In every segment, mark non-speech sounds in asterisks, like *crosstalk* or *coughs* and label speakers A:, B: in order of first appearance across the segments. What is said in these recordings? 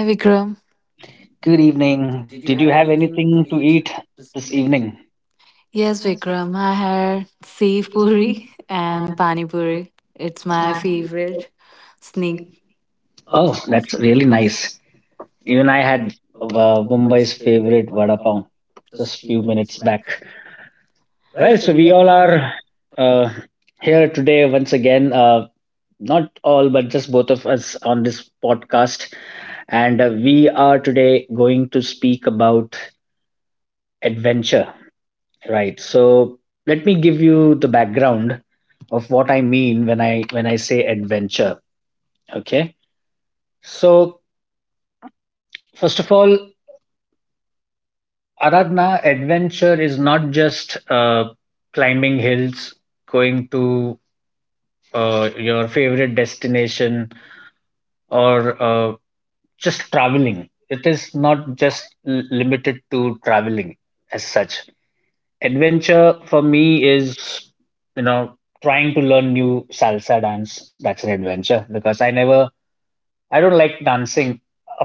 A: Hi Vikram.
B: good evening. Did you have anything to eat this evening?
A: Yes, Vikram. I had Sev Puri *laughs* and Pani Puri. It's my favorite snack.
B: Oh, that's really nice. Even I had uh, Mumbai's favorite vada pav just few minutes back. Well, so we all are uh, here today once again. Not all, but just both of us on this podcast, and we are today going to speak about adventure. Right. So let me give you the background of what I mean when I say adventure. Okay. So first of all, Aradhna, adventure is not just climbing hills, going to your favorite destination, or just traveling. It is not just limited to traveling as such. Adventure for me is you know trying to learn new salsa dance. That's an adventure because I don't like dancing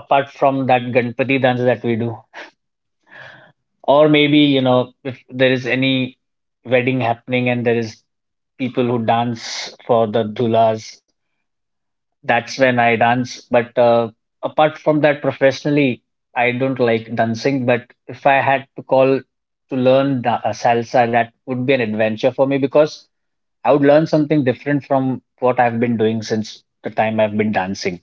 B: apart from that ganpati dance that we do, or maybe, you know, if there is any wedding happening and there is people who dance for the dulas, that's when I dance. But apart from that, professionally I don't like dancing. But if I had to call to learn salsa, that would be an adventure for me because I would learn something different from what I've been doing since the time I've been dancing.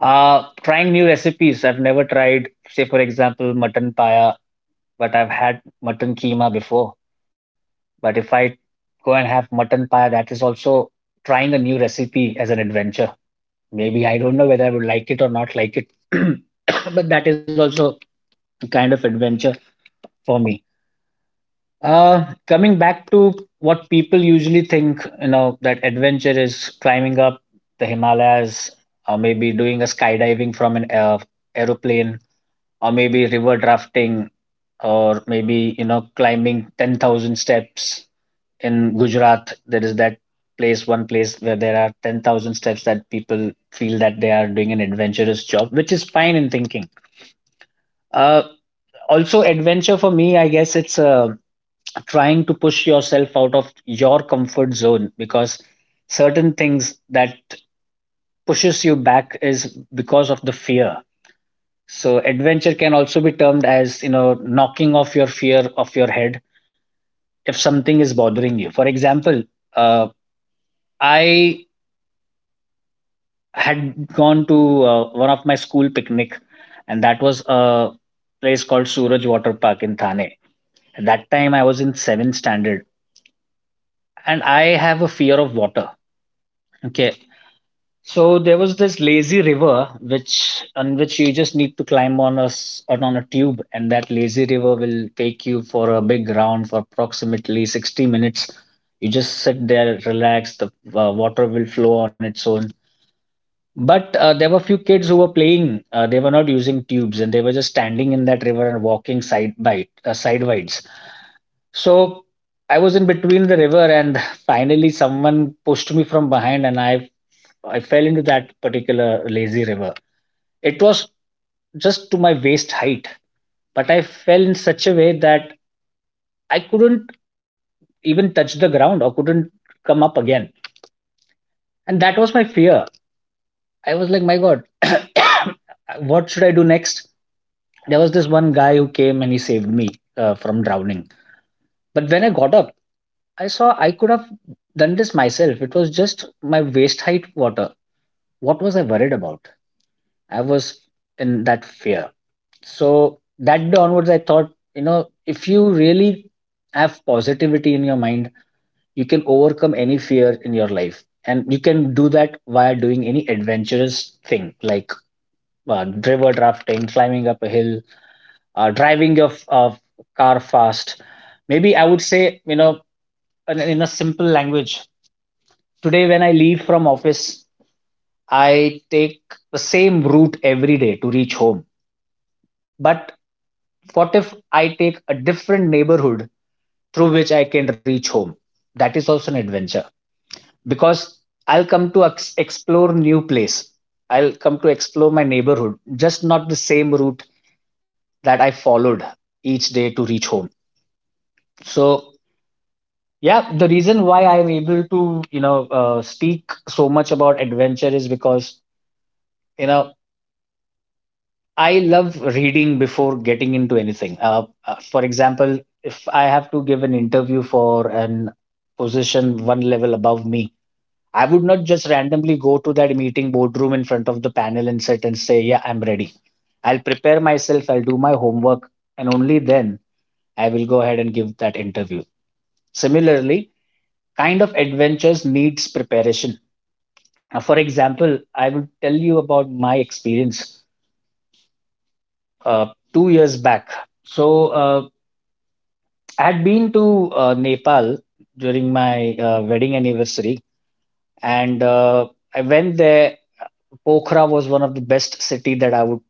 B: Trying new recipes. I've never tried, say, for example, mutton paya, but I've had mutton keema before. But if I go and have mutton paya, that is also trying a new recipe as an adventure. Maybe I don't know whether I would like it or not like it, *clears throat* but that is also a kind of adventure for me. Coming back to what people usually think, you know, that adventure is climbing up the Himalayas, or maybe doing a skydiving from an aeroplane, or maybe river rafting, or maybe, you know, climbing 10,000 steps in Gujarat. There is that place, one place where there are 10,000 steps that people feel that they are doing an adventurous job, which is fine in thinking. Uh, Also, adventure for me, I guess it's a trying to push yourself out of your comfort zone because certain things that pushes you back is because of the fear. So adventure can also be termed as, you know, knocking off your fear of your head if something is bothering you. For example, uh, I had gone to one of my school picnic, and that was a place called Suraj Water Park in Thane. At that time I was in 7th standard, and I have a fear of water. Okay. So there was this lazy river which on which you just need to climb on a s- on a tube, and that lazy river will take you for a big round for approximately 60 minutes. You just sit there, relax. The water will flow on its own. But there were few kids who were playing. They were not using tubes, and they were just standing in that river and walking side by sideways. So I was in between the river, and *laughs* finally someone pushed me from behind, and I fell into that particular lazy river. It was just to my waist height, but I fell in such a way that I couldn't even touch the ground or couldn't come up again. And that was my fear. I was like, my God, *coughs* what should I do next? There was this one guy who came and he saved me from drowning. But when I got up, I saw I could have done this myself. It was just my waist height water. What was I worried about? I was in that fear. So that day onwards, I thought, you know, if you really have positivity in your mind, you can overcome any fear in your life. And you can do that via doing any adventurous thing like river drafting, climbing up a hill, uh, driving your car fast. Maybe I would say, you know, in a simple language, today when I leave from office, I take the same route every day to reach home. But what if I take a different neighborhood through which I can reach home. That is also an adventure because I'll come to explore new place. I'll come to explore my neighborhood, just not the same route that I followed each day to reach home. So yeah, the reason why I'm able to speak so much about adventure is because, you know, I love reading before getting into anything. For example, if I have to give an interview for an position one level above me, I would not just randomly go to that meeting boardroom in front of the panel and sit and say, yeah, I'm ready. I'll prepare myself, I'll do my homework, and only then I will go ahead and give that interview. Similarly, kind of adventures needs preparation. For example, I will tell you about my experience uh, 2 years back. So I had been to Nepal during my wedding anniversary, and I went there. Pokhara was one of the best city that I would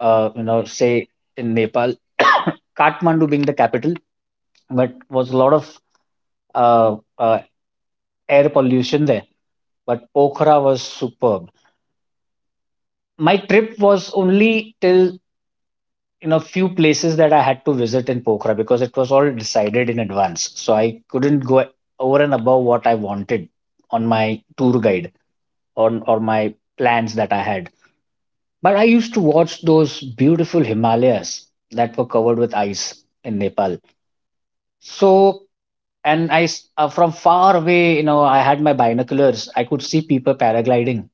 B: you know say in Nepal. *coughs* Kathmandu being the capital, but was a lot of uh, uh, air pollution there. But Pokhara was superb. My trip was only till, you know, few places that I had to visit in Pokhara because it was all decided in advance, so I couldn't go over and above what I wanted on my tour guide on or my plans that I had. But I used to watch those beautiful Himalayas that were covered with ice in Nepal. So, from far away, you know, I had my binoculars. I could see people paragliding.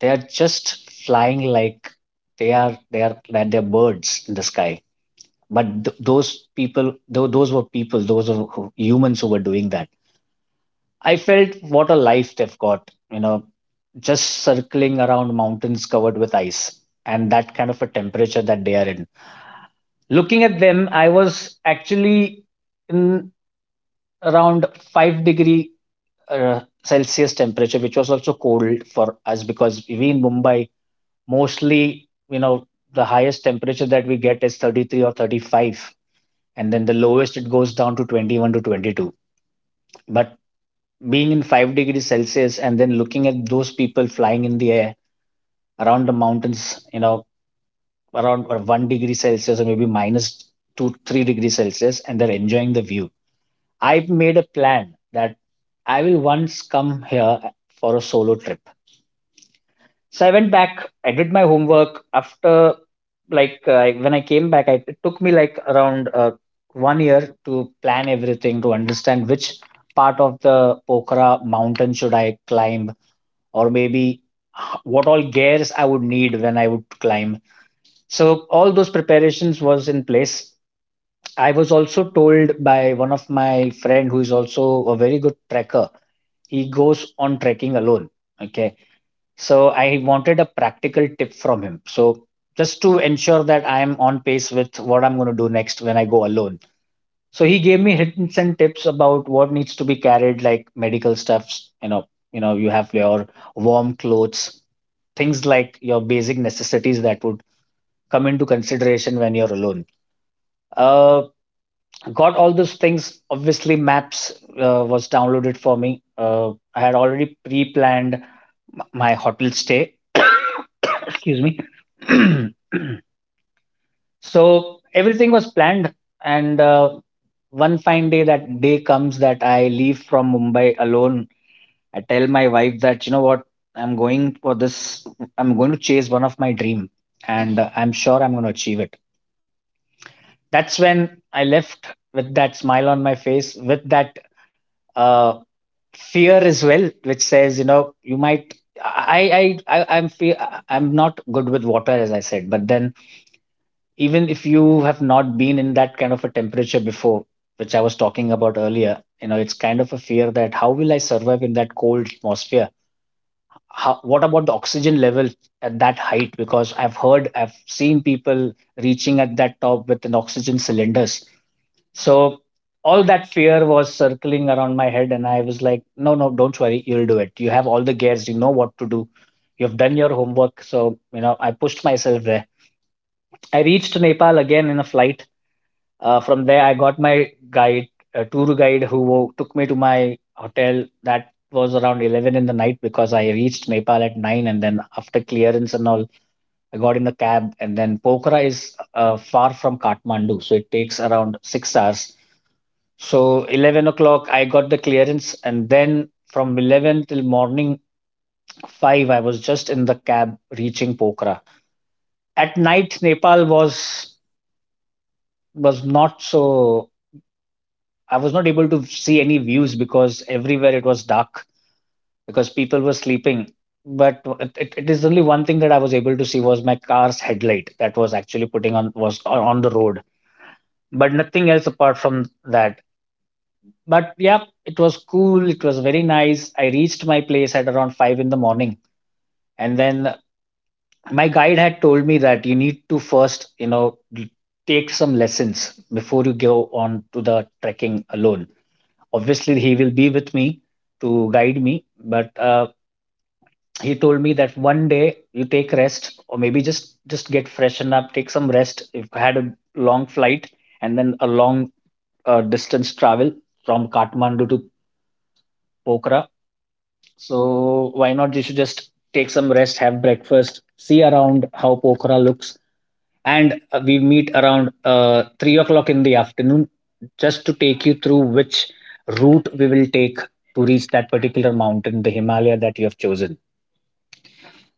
B: They are just flying like they are, that they're birds in the sky. But th- those people, though, those were people, those were who- humans who were doing that. I felt what a life they've got, you know, just circling around mountains covered with ice and that kind of a temperature that they are in. Looking at them, I was actually in around 5 degree Celsius temperature, which was also cold for us because we in Mumbai mostly, you know, the highest temperature that we get is 33 or 35, and then the lowest it goes down to 21 to 22. But being in 5 degrees Celsius and then looking at those people flying in the air around the mountains, you know, around or 1 degree Celsius or maybe minus 2 3 degrees Celsius, and they're enjoying the view, I've made a plan that I will once come here for a solo trip. So I went back, I did my homework. After, like, when I came back, I, it took me like around 1 year to plan everything, to understand which part of the Pokhara mountain should I climb, or maybe what all gears I would need when I would climb. So all those preparations was in place. I was also told by one of my friend who is also a very good trekker. He goes on trekking alone. Okay. So I wanted a practical tip from him. So just to ensure that I am on pace with what I'm going to do next when I go alone. So he gave me hints and tips about what needs to be carried, like medical stuffs, you know, you have your warm clothes, things like your basic necessities that would come into consideration when you're alone. Uh, got all those things. Obviously, maps was downloaded for me. I had already pre-planned my hotel stay. *coughs* Excuse me. *clears throat* So everything was planned, and one fine day, that day comes that I leave from Mumbai alone. I tell my wife that, you know what, I'm going for this, I'm going to chase one of my dream, and I'm sure I'm going to achieve it. That's when I left with that smile on my face, with that uh, fear as well, which says, you know, you might. I I I I'm fe- I'm not good with water as I said. But then, even if you have not been in that kind of a temperature before, which I was talking about earlier, you know, it's kind of a fear that how will I survive in that cold atmosphere? How, what about the oxygen level at that height? Because I've heard, I've seen people reaching at that top with an oxygen cylinders. So all that fear was circling around my head, and I was like, no, no, don't worry, you'll do it. You have all the gears, you know what to do. You've done your homework. So, you know, I pushed myself there. I reached Nepal again in a flight from there, I got my guide, a tour guide, who took me to my hotel. That was around 11 in the night because I reached Nepal at 9. And then after clearance and all, I got in a cab. And then Pokhara is far from Kathmandu. So it takes around 6 hours. So 11 o'clock, I got the clearance. And then from 11 till morning 5, I was just in the cab reaching Pokhara. At night, Nepal was not so, I was not able to see any views because everywhere it was dark because people were sleeping. But it is only one thing that I was able to see was my car's headlight that was actually putting on was on the road, but nothing else apart from that. But yeah, it was cool. It was very nice. I reached my place at around five in the morning, and then my guide had told me that you need to first, take some lessons before you go on to the trekking alone. Obviously, he will be with me to guide me, but he told me that one day you take rest or maybe just get freshen up, take some rest. If I had a long flight and then a long distance travel from Kathmandu to Pokhara, so why not you should just take some rest, have breakfast, see around how Pokhara looks, and we meet around 3 o'clock in the afternoon just to take you through which route we will take to reach that particular mountain, the Himalaya that you have chosen.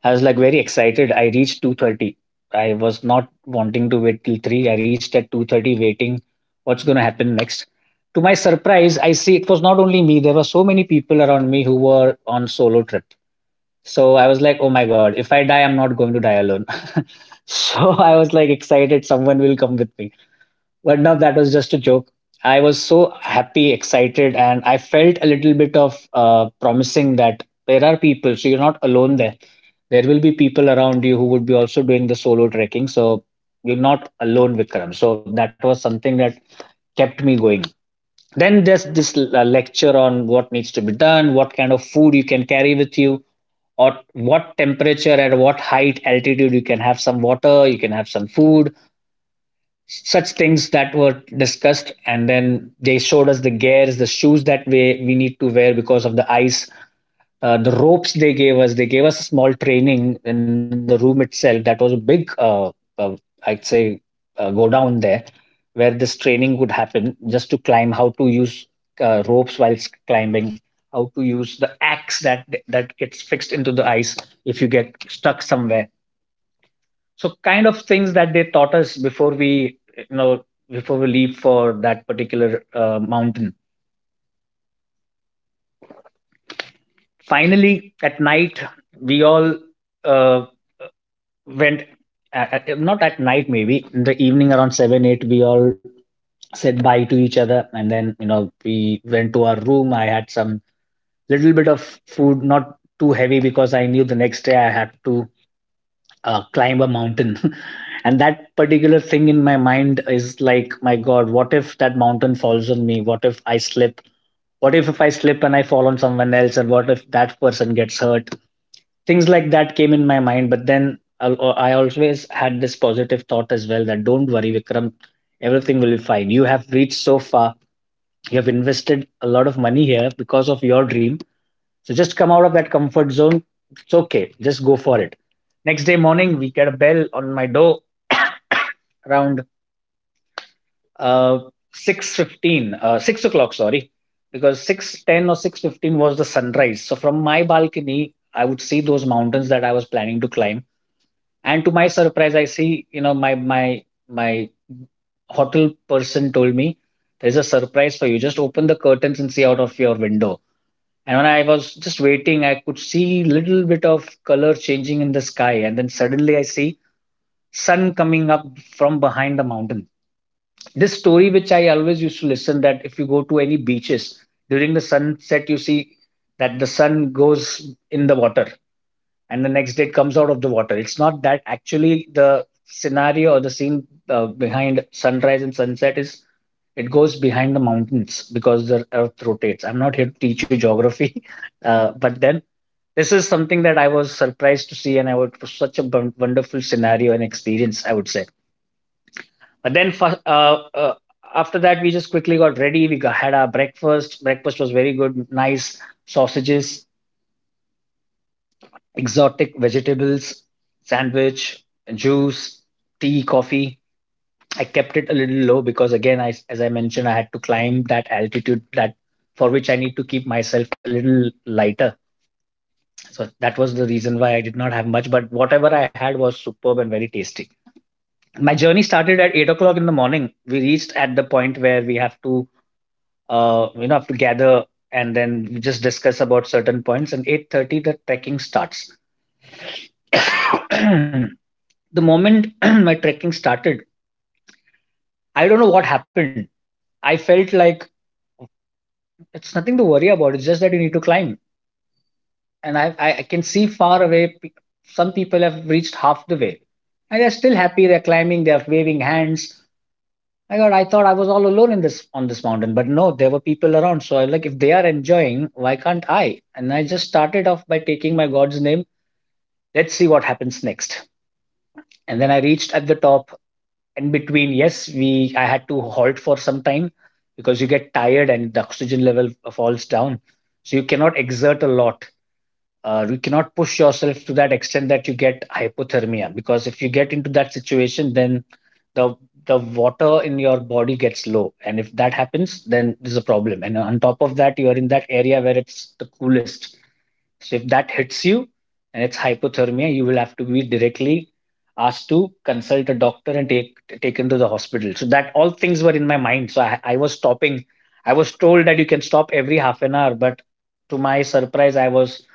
B: I was like very excited. I reached 2:30. I was not wanting to wait till 3. I reached at 2:30 waiting what's going to happen next. To my surprise, I see it was not only me. There were so many people around me who were on solo trip. So I was like, oh my God, if I die, I'm not going to die alone. *laughs* So I was like excited someone will come with me. But now that was just a joke. I was so happy, excited, and I felt a little bit of promising that there are people, so you're not alone there. There will be people around you who would be also doing the solo trekking. So you're not alone, Vikram. So that was something that kept me going. Then there's this lecture on what needs to be done, what kind of food you can carry with you, or what temperature at what height altitude you can have some water, you can have some food. Such things that were discussed, and then they showed us the gears, the shoes that we need to wear because of the ice, the ropes. They gave us a small training in the room itself. That was a big, uh, I'd say, go down there where this training would happen, just to climb, how to use ropes whilst climbing, how to use the axe that gets fixed into the ice if you get stuck somewhere. So kind of things that they taught us before we, before we leave for that particular mountain. Finally, at night, we all uh, went, not at night, maybe in the evening around 7 8 we all said bye to each other, and then we went to our room. I had some little bit of food, not too heavy, because I knew the next day I had to climb a mountain. *laughs* And that particular thing in my mind is like, my God, what if that mountain falls on me? What if I slip? What if I slip and I fall on someone else, and what if that person gets hurt? Things like that came in my mind, but then I'll, I always had this positive thought as well, that don't worry Vikram, everything will be fine. You have reached so far. You have invested a lot of money here because of your dream. So just come out of that comfort zone. It's okay, just go for it. Next day morning, we get a bell on my door around uh 6:15, 6 o'clock, sorry, because 6:10 or 6:15 was the sunrise, so from my balcony I would see those mountains that I was planning to climb. And to my surprise, I see, you know, my hotel person told me, there's a surprise for you. Just open the curtains and see out of your window. And when I was just waiting, I could see little bit of color changing in the sky, and then suddenly I see sun coming up from behind the mountain. This story, which I always used to listen, that if you go to any beaches during the sunset, you see that the sun goes in the water and the next day it comes out of the water. It's not that. Actually, the scenario or the scene behind sunrise and sunset is it goes behind the mountains because the earth rotates. I'm not here to teach you geography. *laughs* But then this is something that I was surprised to see, and I would it was such a wonderful scenario and experience, I would say. But then after that, we just quickly got ready. We had our breakfast. Breakfast was very good, nice sausages, exotic vegetables, sandwich, juice, tea, coffee. I kept it a little low because, again, I, as I mentioned, I had to climb that altitude that for which I need to keep myself a little lighter. So that was the reason why I did not have much. But whatever I had was superb and very tasty. My journey started at 8 o'clock in the morning. We reached at the point where we have to, you know, have to, gather, and then we just discuss about certain points. And 8:30, the trekking starts. *clears throat* The moment *clears throat* my trekking started, I don't know what happened. I felt like it's nothing to worry about. It's just that you need to climb, and I can see far away. Some people have reached half the way, and they're still happy. They're climbing. They're waving hands. My God, I thought I was all alone in this, on this mountain, but no, there were people around. So I like, if they are enjoying, why can't I? And I just started off by taking my God's name. Let's see what happens next. And then I reached at the top. In between, yes, we I had to halt for some time because you get tired and the oxygen level falls down, so you cannot exert a lot. You cannot push yourself to that extent that you get hypothermia, because if you get into that situation, then the water in your body gets low, and if that happens then there's a problem. And on top of that, you are in that area where it's the coolest. So if that hits you and it's hypothermia, you will have to be directly asked to consult a doctor and taken to the hospital. So that, all things were in my mind. So I was stopping. I was told that you can stop every half an hour, but to my surprise, I was,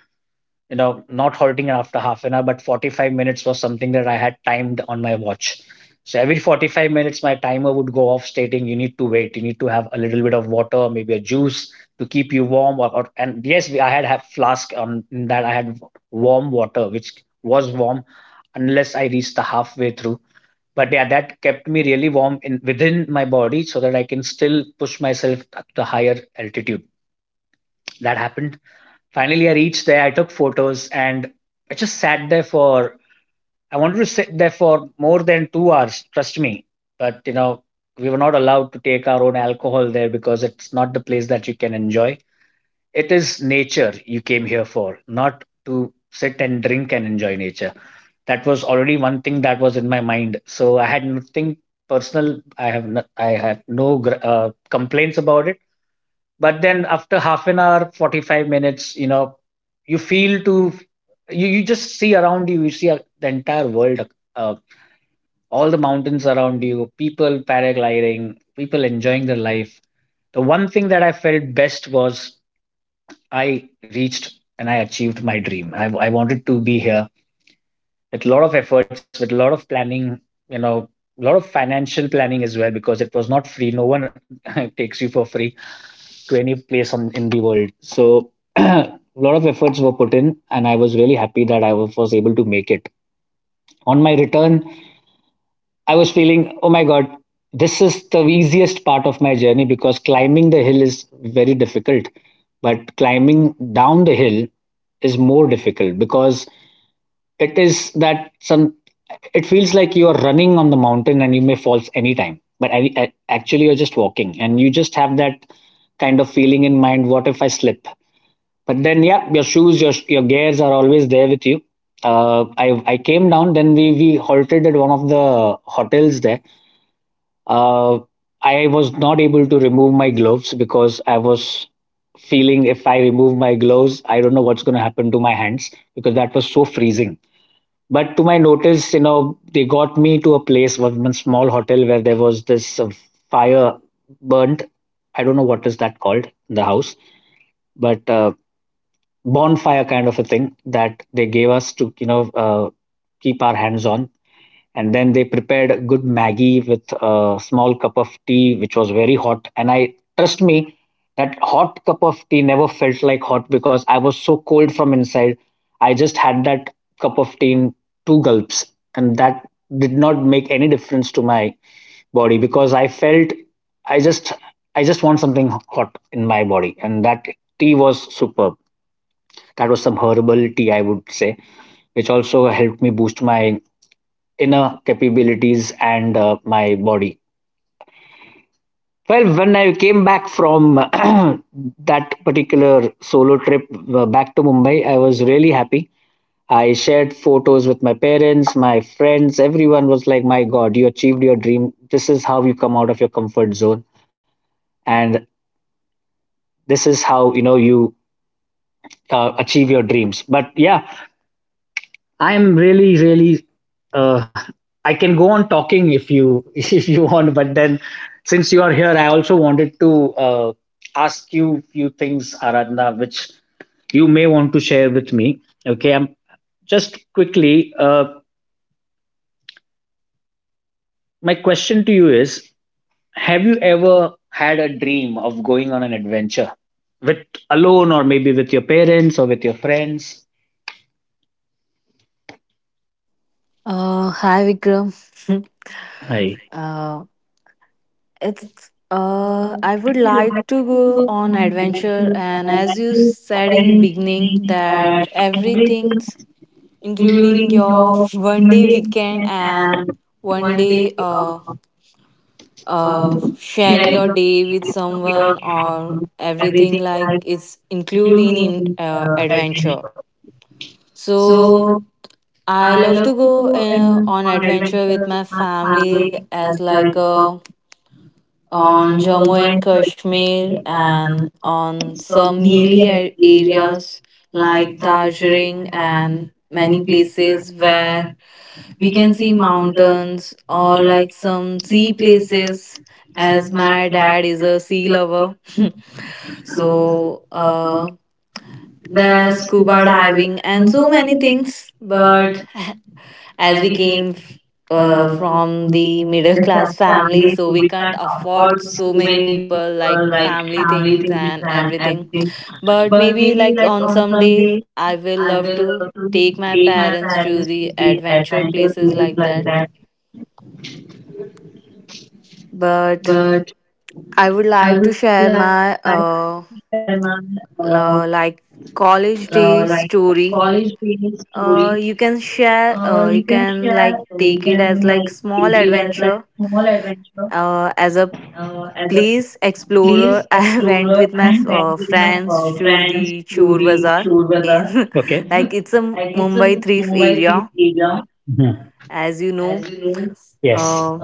B: not halting after half an hour, but 45 minutes was something that I had timed on my watch. So every 45 minutes, my timer would go off, stating you need to wait, you need to have a little bit of water, maybe a juice, to keep you warm. Or, and yes, I had have flask on, in that I had warm water, which was warm, unless I reached the halfway through. But yeah, that kept me really warm in, within my body, so that I can still push myself up to higher altitude. That happened. Finally, I reached there. I took photos, and I just sat there for, I wanted to sit there for more than 2 hours, trust me. But, you know, we were not allowed to take our own alcohol there because it's not the place that you can enjoy. It is nature you came here for, not to sit and drink and enjoy nature. That was already one thing that was in my mind. So I had nothing personal. I have no complaints about it, but then after half an hour, 45 minutes, you feel to you just see around you, you see the entire world, uh, all the mountains around you, people paragliding, people enjoying their life. The one thing that I felt best was I reached and I achieved my dream. I wanted to be here with a lot of efforts, with a lot of planning, you know a lot of financial planning as well, because it was not free. No one *laughs* takes you for free to any place on in the world. So *clears throat* a lot of efforts were put in, and I was really happy that I was able to make it. On my return, I was feeling, oh my god, this is the easiest part of my journey, because climbing the hill is very difficult, but climbing down the hill is more difficult, because it is that some it feels like you are running on the mountain and you may fall anytime, but actually you're just walking and you just have that kind of feeling in mind, what if I slip. But then, yeah, your shoes, your gears are always there with you. I came down, then we halted at one of the hotels there. Uh, I was not able to remove my gloves, because I was feeling if I remove my gloves, I don't know what's going to happen to my hands, because that was so freezing. But to my notice, you know, they got me to a place, one small hotel where there was this fire burnt. I don't know what is that called, the house, but bonfire kind of a thing that they gave us to keep our hands on. And then they prepared a good maggie with a small cup of tea, which was very hot, and I, trust me, that hot cup of tea never felt like hot, because I was so cold from inside. I just had that cup of tea in two gulps, and that did not make any difference to my body, because I felt I just, I just want something hot in my body. And that tea was superb. That was some herbal tea, I would say, which also helped me boost my inner capabilities and my body. Well, when I came back from *clears throat* that particular solo trip, back to Mumbai, I was really happy. I shared photos with my parents, my friends, everyone was like, my god, you achieved your dream. This is how you come out of your comfort zone, and this is how, you achieve your dreams. But yeah, I'm really, really. Uh, I can go on talking if you *laughs* if you want, but then since you are here, I also wanted to ask you few things, Aradhana, which you may want to share with me. Okay, I'm just quickly. My question to you is: have you ever had a dream of going on an adventure with alone, or maybe with your parents or with your friends?
A: Hi Vikram. *laughs*
B: Hi.
A: uh, it's I would like to go on adventure, and as you said in
B: Parents
A: beginning,
B: means
A: that
B: that
A: everything,
B: everything,
A: including
B: including
A: your
B: your
A: one day
B: Monday
A: weekend
B: weekend
A: and
B: and
A: one
B: one day
A: day
B: uh,
A: of sharing your
B: sharing
A: day with
B: your
A: someone, or
B: um,
A: everything
B: everything,
A: like
B: like
A: it's including in in
B: including
A: uh, adventure.
B: adventure. So
A: So I
B: I
A: love
B: love
A: to
B: to
A: go
B: go in
A: on
B: on
A: adventure
B: adventure
A: with my
B: with
A: family,
B: family,
A: as
B: as
A: like
B: like
A: on
B: on
A: Jammu
B: Roman
A: and
B: cooking
A: Kashmir and
B: and
A: on
B: on
A: some
B: some
A: hilly
B: hilly areas
A: areas, like
B: like
A: Darjeeling
B: Darjeeling
A: and
B: and
A: many
B: many places
A: places where
B: where
A: we
B: we
A: can
B: can
A: see
B: see mountains
A: mountains,
B: or
A: or
B: like
A: like some
B: sea
A: sea
B: places
A: places, as
B: as
A: my
B: man.
A: dad is a sea lover. *laughs* So,
B: So the
A: the
B: scuba
A: scuba
B: diving
A: diving and
B: and so
A: so many
B: many things.
A: things.
B: But
A: But *laughs* as
B: as
A: we
B: we
A: came
B: came uh,
A: from the middle
B: as
A: class family,
B: families,
A: so
B: so
A: we
B: we
A: can't
B: can't
A: afford
B: afford so
A: so many
B: many
A: people,
B: people, like
A: like family
B: family things
A: things and
B: and
A: everything.
B: everything. But
A: But
B: maybe
A: maybe
B: like
A: like
B: on
A: on some
B: Sunday,
A: day, I
B: I
A: will
B: will
A: love to
B: take
A: take
B: my
A: my
B: parents
A: parents
B: to
A: to
B: the
A: the adventure
B: adventure places
A: places
B: like
A: like
B: that.
A: that.
B: But
A: But I
B: I would
A: would
B: like
A: like to
B: to
A: share
B: tell my
A: my
B: uh,
A: uh
B: like
A: like
B: college
A: college day
B: days story.
A: story.
B: You
A: You
B: can
A: can
B: share,
A: share. You
B: you can
A: can
B: like
A: like
B: take
A: take
B: it
A: it
B: as
A: as
B: like
A: like
B: small
A: small
B: adventure,
A: adventure.
B: as
A: As
B: a
A: a
B: place.
A: place explorer, *laughs* I went with my
B: Have friends
A: friends to
B: who we
A: the Chor
B: toured with
A: Bazaar
B: us. Okay.
A: in *laughs*
B: Like
A: like, it's
B: it's
A: a
B: a
A: Mumbai
B: Mumbai street
A: thrift
B: area.
A: area,
B: Mhm.
A: as
B: As
A: you
B: you
A: know.
B: know. Yes.
A: Um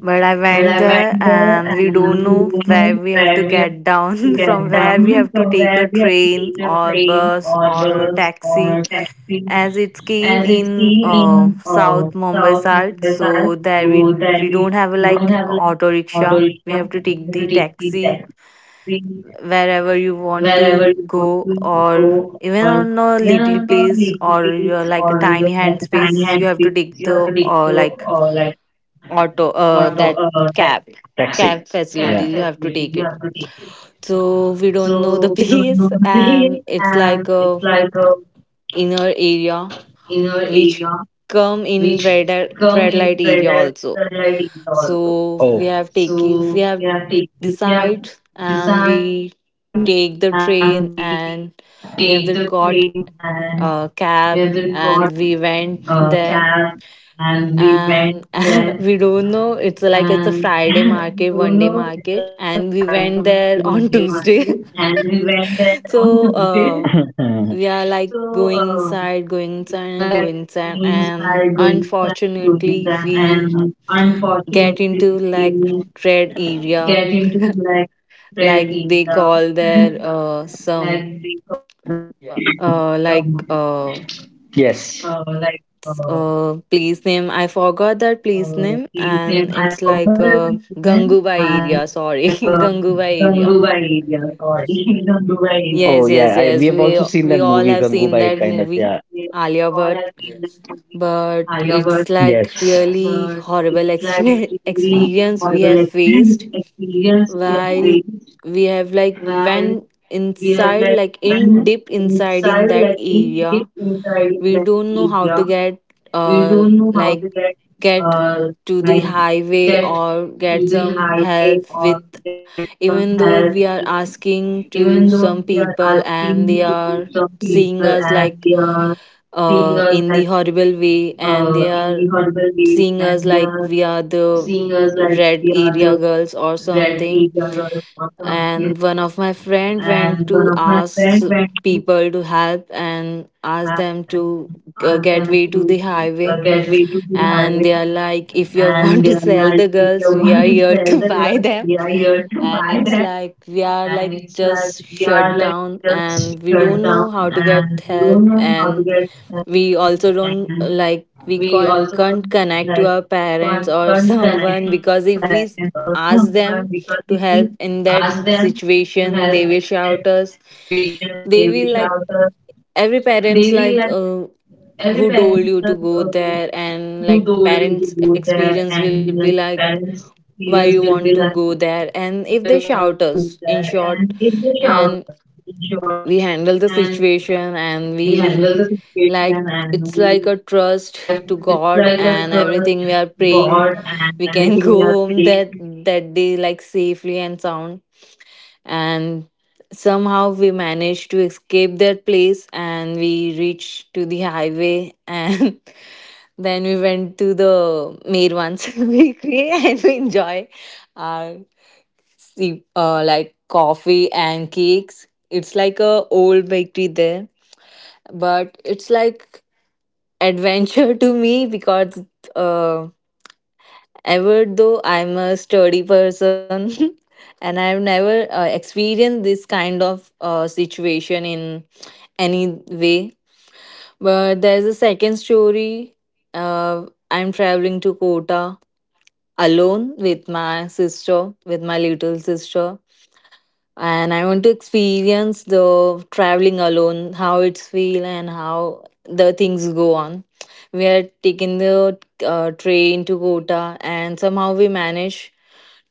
B: But
A: I
B: I
A: went
B: went there
A: there, and
B: and
A: we
B: we
A: don't
B: don't know
A: know where
B: where
A: we
B: we have
A: have to
B: to get
A: get down, *laughs*
B: down, *laughs* from
A: from
B: where
A: where
B: we
A: we
B: have
A: have
B: to
A: to
B: take
A: take a
B: the
A: train
B: train
A: or
B: or bus
A: bus or
B: or
A: a
B: taxi.
A: taxi.
B: As
A: As
B: it
A: it
B: seen
A: came in
B: in South
A: South Mumbai
B: Mumbai side,
A: side, so
B: so that
A: there we
B: we
A: we don't
B: don't have
A: have
B: like
A: like
B: auto
A: auto
B: rickshaw,
A: rickshaw. We
B: we
A: have
B: have
A: to
B: to take
A: take
B: the
A: the
B: taxi
A: taxi wherever
B: wherever
A: you want to go,
B: go, or
A: or even
B: even
A: on a little place,
B: or
A: or you
B: your
A: like a tiny
B: tiny hand
A: hand
B: you,
A: space. You
B: you
A: have
B: have
A: to
B: to take
A: take
B: to
A: the
B: or like
A: like auto
B: auto
A: that cab,
B: taxi.
A: cab
B: Yeah,
A: facility
B: facility.
A: you
B: Yeah.
A: have to take it.
B: So
A: So we don't know the *laughs*
B: nowadays,
A: place,
B: and it's
A: it's like
B: like a
A: a
B: inner
A: inner
B: area
A: area which
B: which come
A: come
B: in
A: in
B: traded
A: red light area also.
B: also. Oh.
A: So
B: So we
A: we
B: have
A: have
B: decide
A: decide,
B: and
A: and
B: we
A: we take
B: take,
A: the train,
B: and
A: and
B: we
A: we have the
B: have got
A: got
B: a
A: a
B: cab
A: cab,
B: and
A: and
B: we
A: we
B: went
A: went
B: there.
A: there.
B: And
A: And
B: *laughs*
A: *laughs* we
B: I don't
A: don't
B: know,
A: know,
B: it's
A: it's
B: like
A: like
B: it's
A: it's
B: a
A: a
B: Friday
A: Friday
B: on the
A: market,
B: one
A: one day market,
B: and
A: and
B: we
A: we
B: went
A: went
B: there
A: there
B: on
A: on *laughs* Tuesday.
B: the market.
A: *laughs* So
B: *laughs* We
A: we
B: are
A: are
B: like
A: like going
B: going
A: inside,
B: inside,
A: going inside,
B: going
A: and going
B: inside,
A: inside,
B: going
A: and
B: inside, and
A: unfortunately we
B: unfortunately
A: get
B: we
A: into like red
B: get into
A: area.
B: like
A: *laughs*
B: red
A: Like
B: tea.
A: they call
B: *laughs*
A: there some
B: Like we call that
A: uh like
B: um,
A: uh
B: *laughs* yes.
A: place name, I forgot that place name, and
B: Tea name.
A: it's
B: I
A: like
B: forgot that.
A: Gangubai area,
B: And
A: sorry,
B: like
A: *laughs* Gangubai area.
B: *laughs* Gangubai area. Oh
A: Yes,
B: yeah,
A: yes,
B: I, we
A: yes,
B: have
A: we
B: also seen
A: we
B: that
A: all
B: movie
A: have seen
B: Gangubai. Yes,
A: that
B: kind, yes, of,
A: movie,
B: yes, yeah. we,
A: Alia
B: we all
A: Bhatt.
B: have seen that movie,
A: But
B: Alia
A: it's
B: Bhatt.
A: like
B: Yes.
A: really
B: But
A: horrible
B: it's like
A: *laughs*
B: really
A: experience we have
B: horrible
A: faced
B: experience
A: while
B: waste
A: we have like, when
B: while we
A: inside,
B: have
A: like in
B: been
A: deep inside in
B: inside,
A: that
B: like in
A: area.
B: deep inside,
A: We don't know how to get
B: we
A: uh
B: don't know
A: like
B: how to get
A: get
B: uh
A: to the
B: like
A: highway
B: get
A: or get
B: to
A: some
B: the
A: help
B: highway
A: with.
B: or get
A: Even
B: some
A: though
B: help,
A: we are asking to
B: even though
A: some
B: we are
A: people, and they
B: asking to
A: are
B: some
A: seeing
B: people
A: us
B: and
A: like
B: they are seeing us
A: in the
B: like
A: horrible way, and they are
B: in the horrible
A: seeing
B: way,
A: us
B: and
A: like
B: they
A: we
B: are
A: are the
B: seeing us
A: red
B: like
A: area
B: the
A: girls or something.
B: red eagle or
A: And one of my friend went to
B: one of
A: ask
B: my friends
A: people to help, and ask
B: people
A: them
B: who have
A: to get way to the
B: to
A: highway.
B: get way to
A: And they
B: the
A: are
B: highway.
A: like, if you *laughs* want to sell
B: And
A: the
B: they are
A: girls,
B: like,
A: we are
B: the
A: here to
B: want to
A: *laughs* buy
B: sell the
A: them.
B: girls we are
A: And
B: here
A: it's
B: to
A: like,
B: buy them.
A: we are like
B: And
A: just
B: it's like
A: shut
B: we
A: down,
B: are like
A: and we don't know how
B: scared
A: to get help.
B: and we don't
A: And
B: know how to get.
A: we also don't like, we
B: We
A: can't,
B: also
A: can't connect to
B: like
A: our parents
B: can't,
A: or *laughs*
B: can't connect
A: someone, because if we
B: sadness or
A: ask
B: comfort,
A: them
B: because
A: to
B: if we
A: help in that
B: ask them to
A: situation,
B: help
A: they will shout us.
B: situation,
A: They will like,
B: shelter,
A: every
B: they
A: parents
B: will let
A: like
B: every
A: who
B: parent
A: told you to
B: like,
A: go there, and
B: who
A: like
B: told you to
A: parents
B: go there,
A: experience
B: and
A: will be
B: like
A: like,
B: parents
A: why you
B: experience
A: want
B: will be
A: to
B: like,
A: go there? And if
B: why
A: they
B: you want
A: shout
B: to go
A: us in
B: there? And
A: short.
B: it's a shelter.
A: And
B: In short,
A: we handle the
B: and
A: situation, and
B: we handle
A: we
B: the situation,
A: like,
B: and
A: it's
B: we
A: like a trust
B: like
A: to
B: it's
A: God
B: like a
A: and
B: trust
A: everything. We are praying
B: God. And
A: we can *laughs* go
B: like,
A: home
B: they
A: that, that day, like safely and sound. And somehow we managed to escape that place, and we reached to the highway. And *laughs* then we went to the Mirwan's bakery *laughs* and we enjoy our coffee and cakes. It's like a old bakery there. But it's like adventure to me, because uh, ever though I'm a sturdy person, *laughs* and I've never experienced this kind of situation in any way. But there's a second story. I'm traveling to Kota alone with my sister, with my little sister, and I want to experience the traveling alone, how it's feel and how the things go on. We had taken the train to Kota, and somehow we managed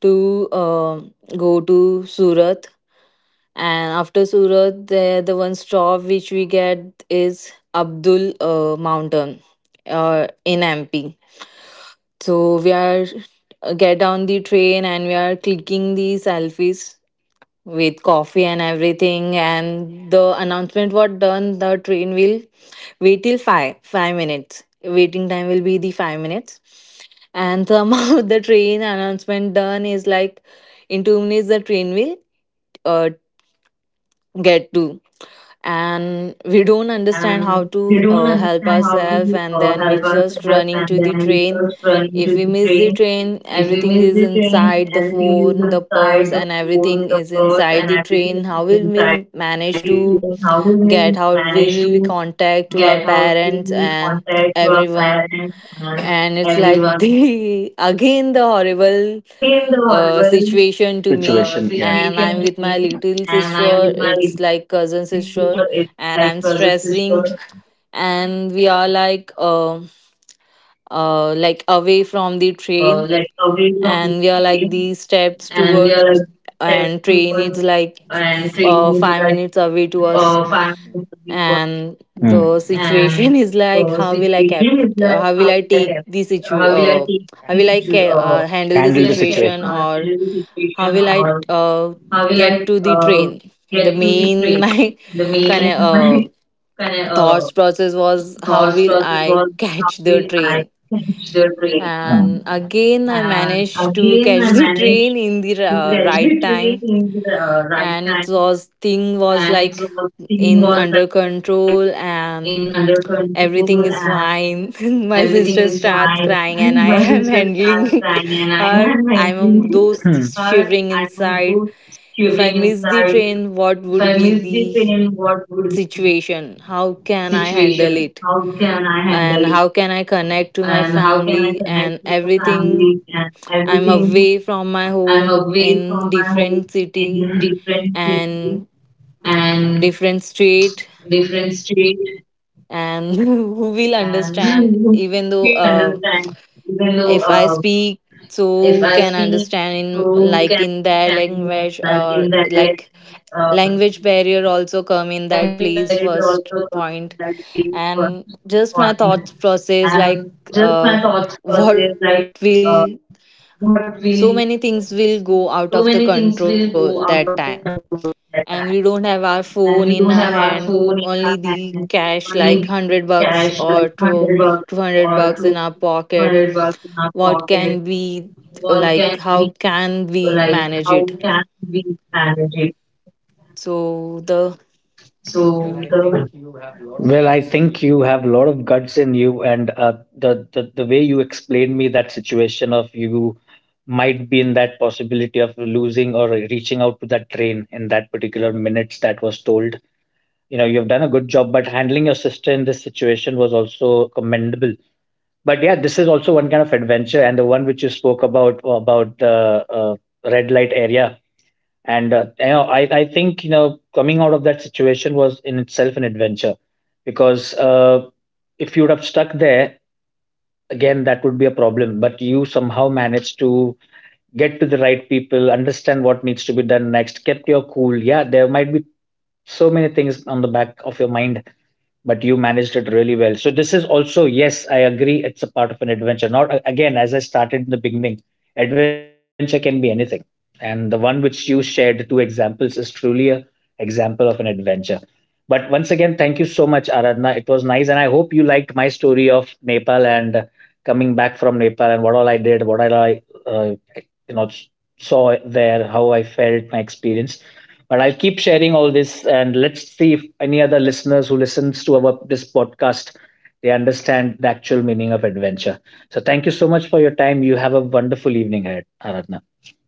A: to go to Surat. And after Surat, the one stop which we get is Abdul Mountain in MP. So we are get down the train, and we are clicking the selfies with coffee and everything. And the announcement was done, the train will wait till five minutes. Waiting time will be the 5 minutes. And somehow *laughs* the train announcement done is like, in 2 minutes the train will uh, get
B: get
A: to.
B: to. And
A: And
B: they
A: we
B: don't
A: don't understand
B: understand
A: how
B: how to
A: to
B: help
A: help
B: us help,
A: ourselves, and
B: and
A: then
B: then we
A: we
B: just
A: just
B: run
A: running to
B: into
A: the
B: the train.
A: train. If
B: If
A: we
B: we
A: miss
B: miss
A: the
B: the
A: train,
B: train,
A: everything
B: everything
A: is
B: is
A: inside,
B: inside
A: the
B: the food,
A: phone, the
B: the purse,
A: purse, and
B: and everything
A: everything
B: is
A: is inside
B: inside
A: the
B: the train.
A: train. How
B: How
A: will
B: did we
A: we manage
B: manage
A: to
B: to
A: get?
B: get
A: How
B: out
A: we will we
B: the
A: contact
B: contact
A: to
B: to
A: our
B: our parents
A: parents and
B: and everyone?
A: everyone? And it's like,
B: *laughs* Again,
A: the *laughs* again, the
B: the horrible
A: horrible
B: Situation, yeah. situation
A: situation to
B: to me,
A: me.
B: and
A: And I'm
B: I'm
A: with
B: with my
A: my
B: little
A: little sister,
B: sister, it's
A: it's
B: my
A: like
B: cousin
A: cousin sister.
B: sister,
A: And I'm stressing, and we are
B: like
A: like away
B: away
A: from
B: from
A: the
B: me.
A: train. And
B: And they
A: we are
B: are like
A: like these
B: their
A: steps
B: food
A: towards.
B: and
A: And train
B: training
A: is
B: to that
A: like
B: fun.
A: 5 minutes away to us.
B: Mm. And
A: And the situation *laughs*
B: vision is
A: is
B: like
A: like,
B: how
A: how
B: will
A: will
B: I,
A: I cap- how
B: how we
A: will I
B: like
A: take the situ
B: to
A: how
B: handle
A: will
B: the
A: I
B: like get
A: ca-
B: situation.
A: handle the situation?
B: Or
A: Or how
B: how
A: will
B: will
A: I
B: I,
A: get
B: get to
A: to
B: the
A: the
B: train.
A: train? The
B: The main
A: main *laughs* my
B: *laughs* like,
A: kind
B: kind of
A: of thoughts
B: thoughts was
A: process was, how will
B: I
A: I *laughs* catch the
B: considered.
A: train?
B: Mm. And
A: And
B: again
A: again, I
B: I managed
A: managed
B: to
A: to *laughs*
B: catch
A: catch
B: the
A: the
B: train
A: train in
B: in
A: the
B: the right
A: right
B: time,
A: time. And
B: and
A: it
B: its
A: was
B: theme
A: thing
B: was
A: was
B: like
A: like in
B: in
A: under
B: under
A: control,
B: control and
A: and
B: everything
A: everything is
B: is fine.
A: fine.
B: And
A: *laughs*
B: my
A: My
B: sister
A: sister starts
B: starts crying
A: crying,
B: and
A: and I
B: I
A: am *laughs*
B: am angry.
A: handling
B: Hmm. *laughs*
A: *laughs* her.
B: her. I'm
A: I'm
B: both
A: those
B: shivering
A: shivering
B: inside.
A: inside.
B: If
A: If
B: I
A: I
B: miss
A: miss
B: the
A: the
B: train,
A: train,
B: what
A: what would be the
B: situation?
A: situation? How
B: How can
A: can
B: I
A: I
B: handle
A: handle
B: it?
A: it?
B: And
A: And
B: how
A: how
B: can
A: can I connect to
B: my
A: my
B: family
A: family
B: and
A: and
B: everything?
A: everything?
B: I'm
A: I'm away
B: away from
A: from
B: my
A: my
B: home
A: home,
B: and in
A: in
B: different
A: different
B: cities
A: city
B: and
A: and
B: different
A: different
B: states.
A: state.
B: And *laughs*
A: And *laughs* who
B: you will
A: will
B: understand,
A: understand,
B: even
A: even though
B: though
A: if I
B: if I
A: speak,
B: speak,
A: so who can
B: who
A: understand
B: can
A: in like
B: understand,
A: in their
B: like in
A: language, or
B: the
A: like,
B: uh,
A: language barrier also come in
B: language
A: that, please,
B: barrier also
A: first
B: comes
A: point.
B: that way for
A: And just my thought process like,
B: just my
A: uh
B: thoughts
A: *laughs*
B: process, like
A: what will,
B: uh, what will
A: so many things will go
B: so
A: out of
B: many
A: the
B: things will
A: control
B: go out
A: that
B: of the
A: time.
B: control at
A: And
B: that
A: we
B: time.
A: don't have our phone
B: And
A: in
B: we
A: our
B: don't have our
A: hand,
B: phone
A: only the
B: and
A: cash like
B: money
A: 100
B: cash
A: bucks
B: like
A: or
B: hundred
A: two,
B: bucks,
A: $200 in our pocket.
B: 100 bucks in our
A: What
B: pocket.
A: can we,
B: What can
A: like,
B: we
A: how can we
B: like? How
A: manage
B: can
A: it?
B: we manage it?
A: So the
B: So the well, I think you have a lot of guts in you, and the way you explained me that situation of you might be in that possibility of losing or reaching out to that train in that particular minutes that was told. You know, you have done a good job, but handling your sister in this situation was also commendable. But yeah, this is also one kind of adventure, and the one which you spoke about the red light area, and you know, I think you know coming out of that situation was in itself an adventure, because if you would have stuck there, again that would be a problem, but you somehow managed to get to the right people, understand what needs to be done next, kept your cool. Yeah, there might be so many things on the back of your mind, but you managed it really well. So this is also, yes, I agree, it's a part of an adventure. Not again, as I started in the beginning, adventure can be anything, and the one which you shared, the two examples, is truly a example of an adventure. But once again, thank you so much, Aradhana. It was nice, and I hope you liked my story of Nepal and coming back from Nepal and what all I did, what all I, you know saw there, how I felt, my experience. But I'll keep sharing all this, and let's see if any other listeners who listens to our this podcast, they understand the actual meaning of adventure. So thank you so much for your time. You have a wonderful evening ahead, Aradhana.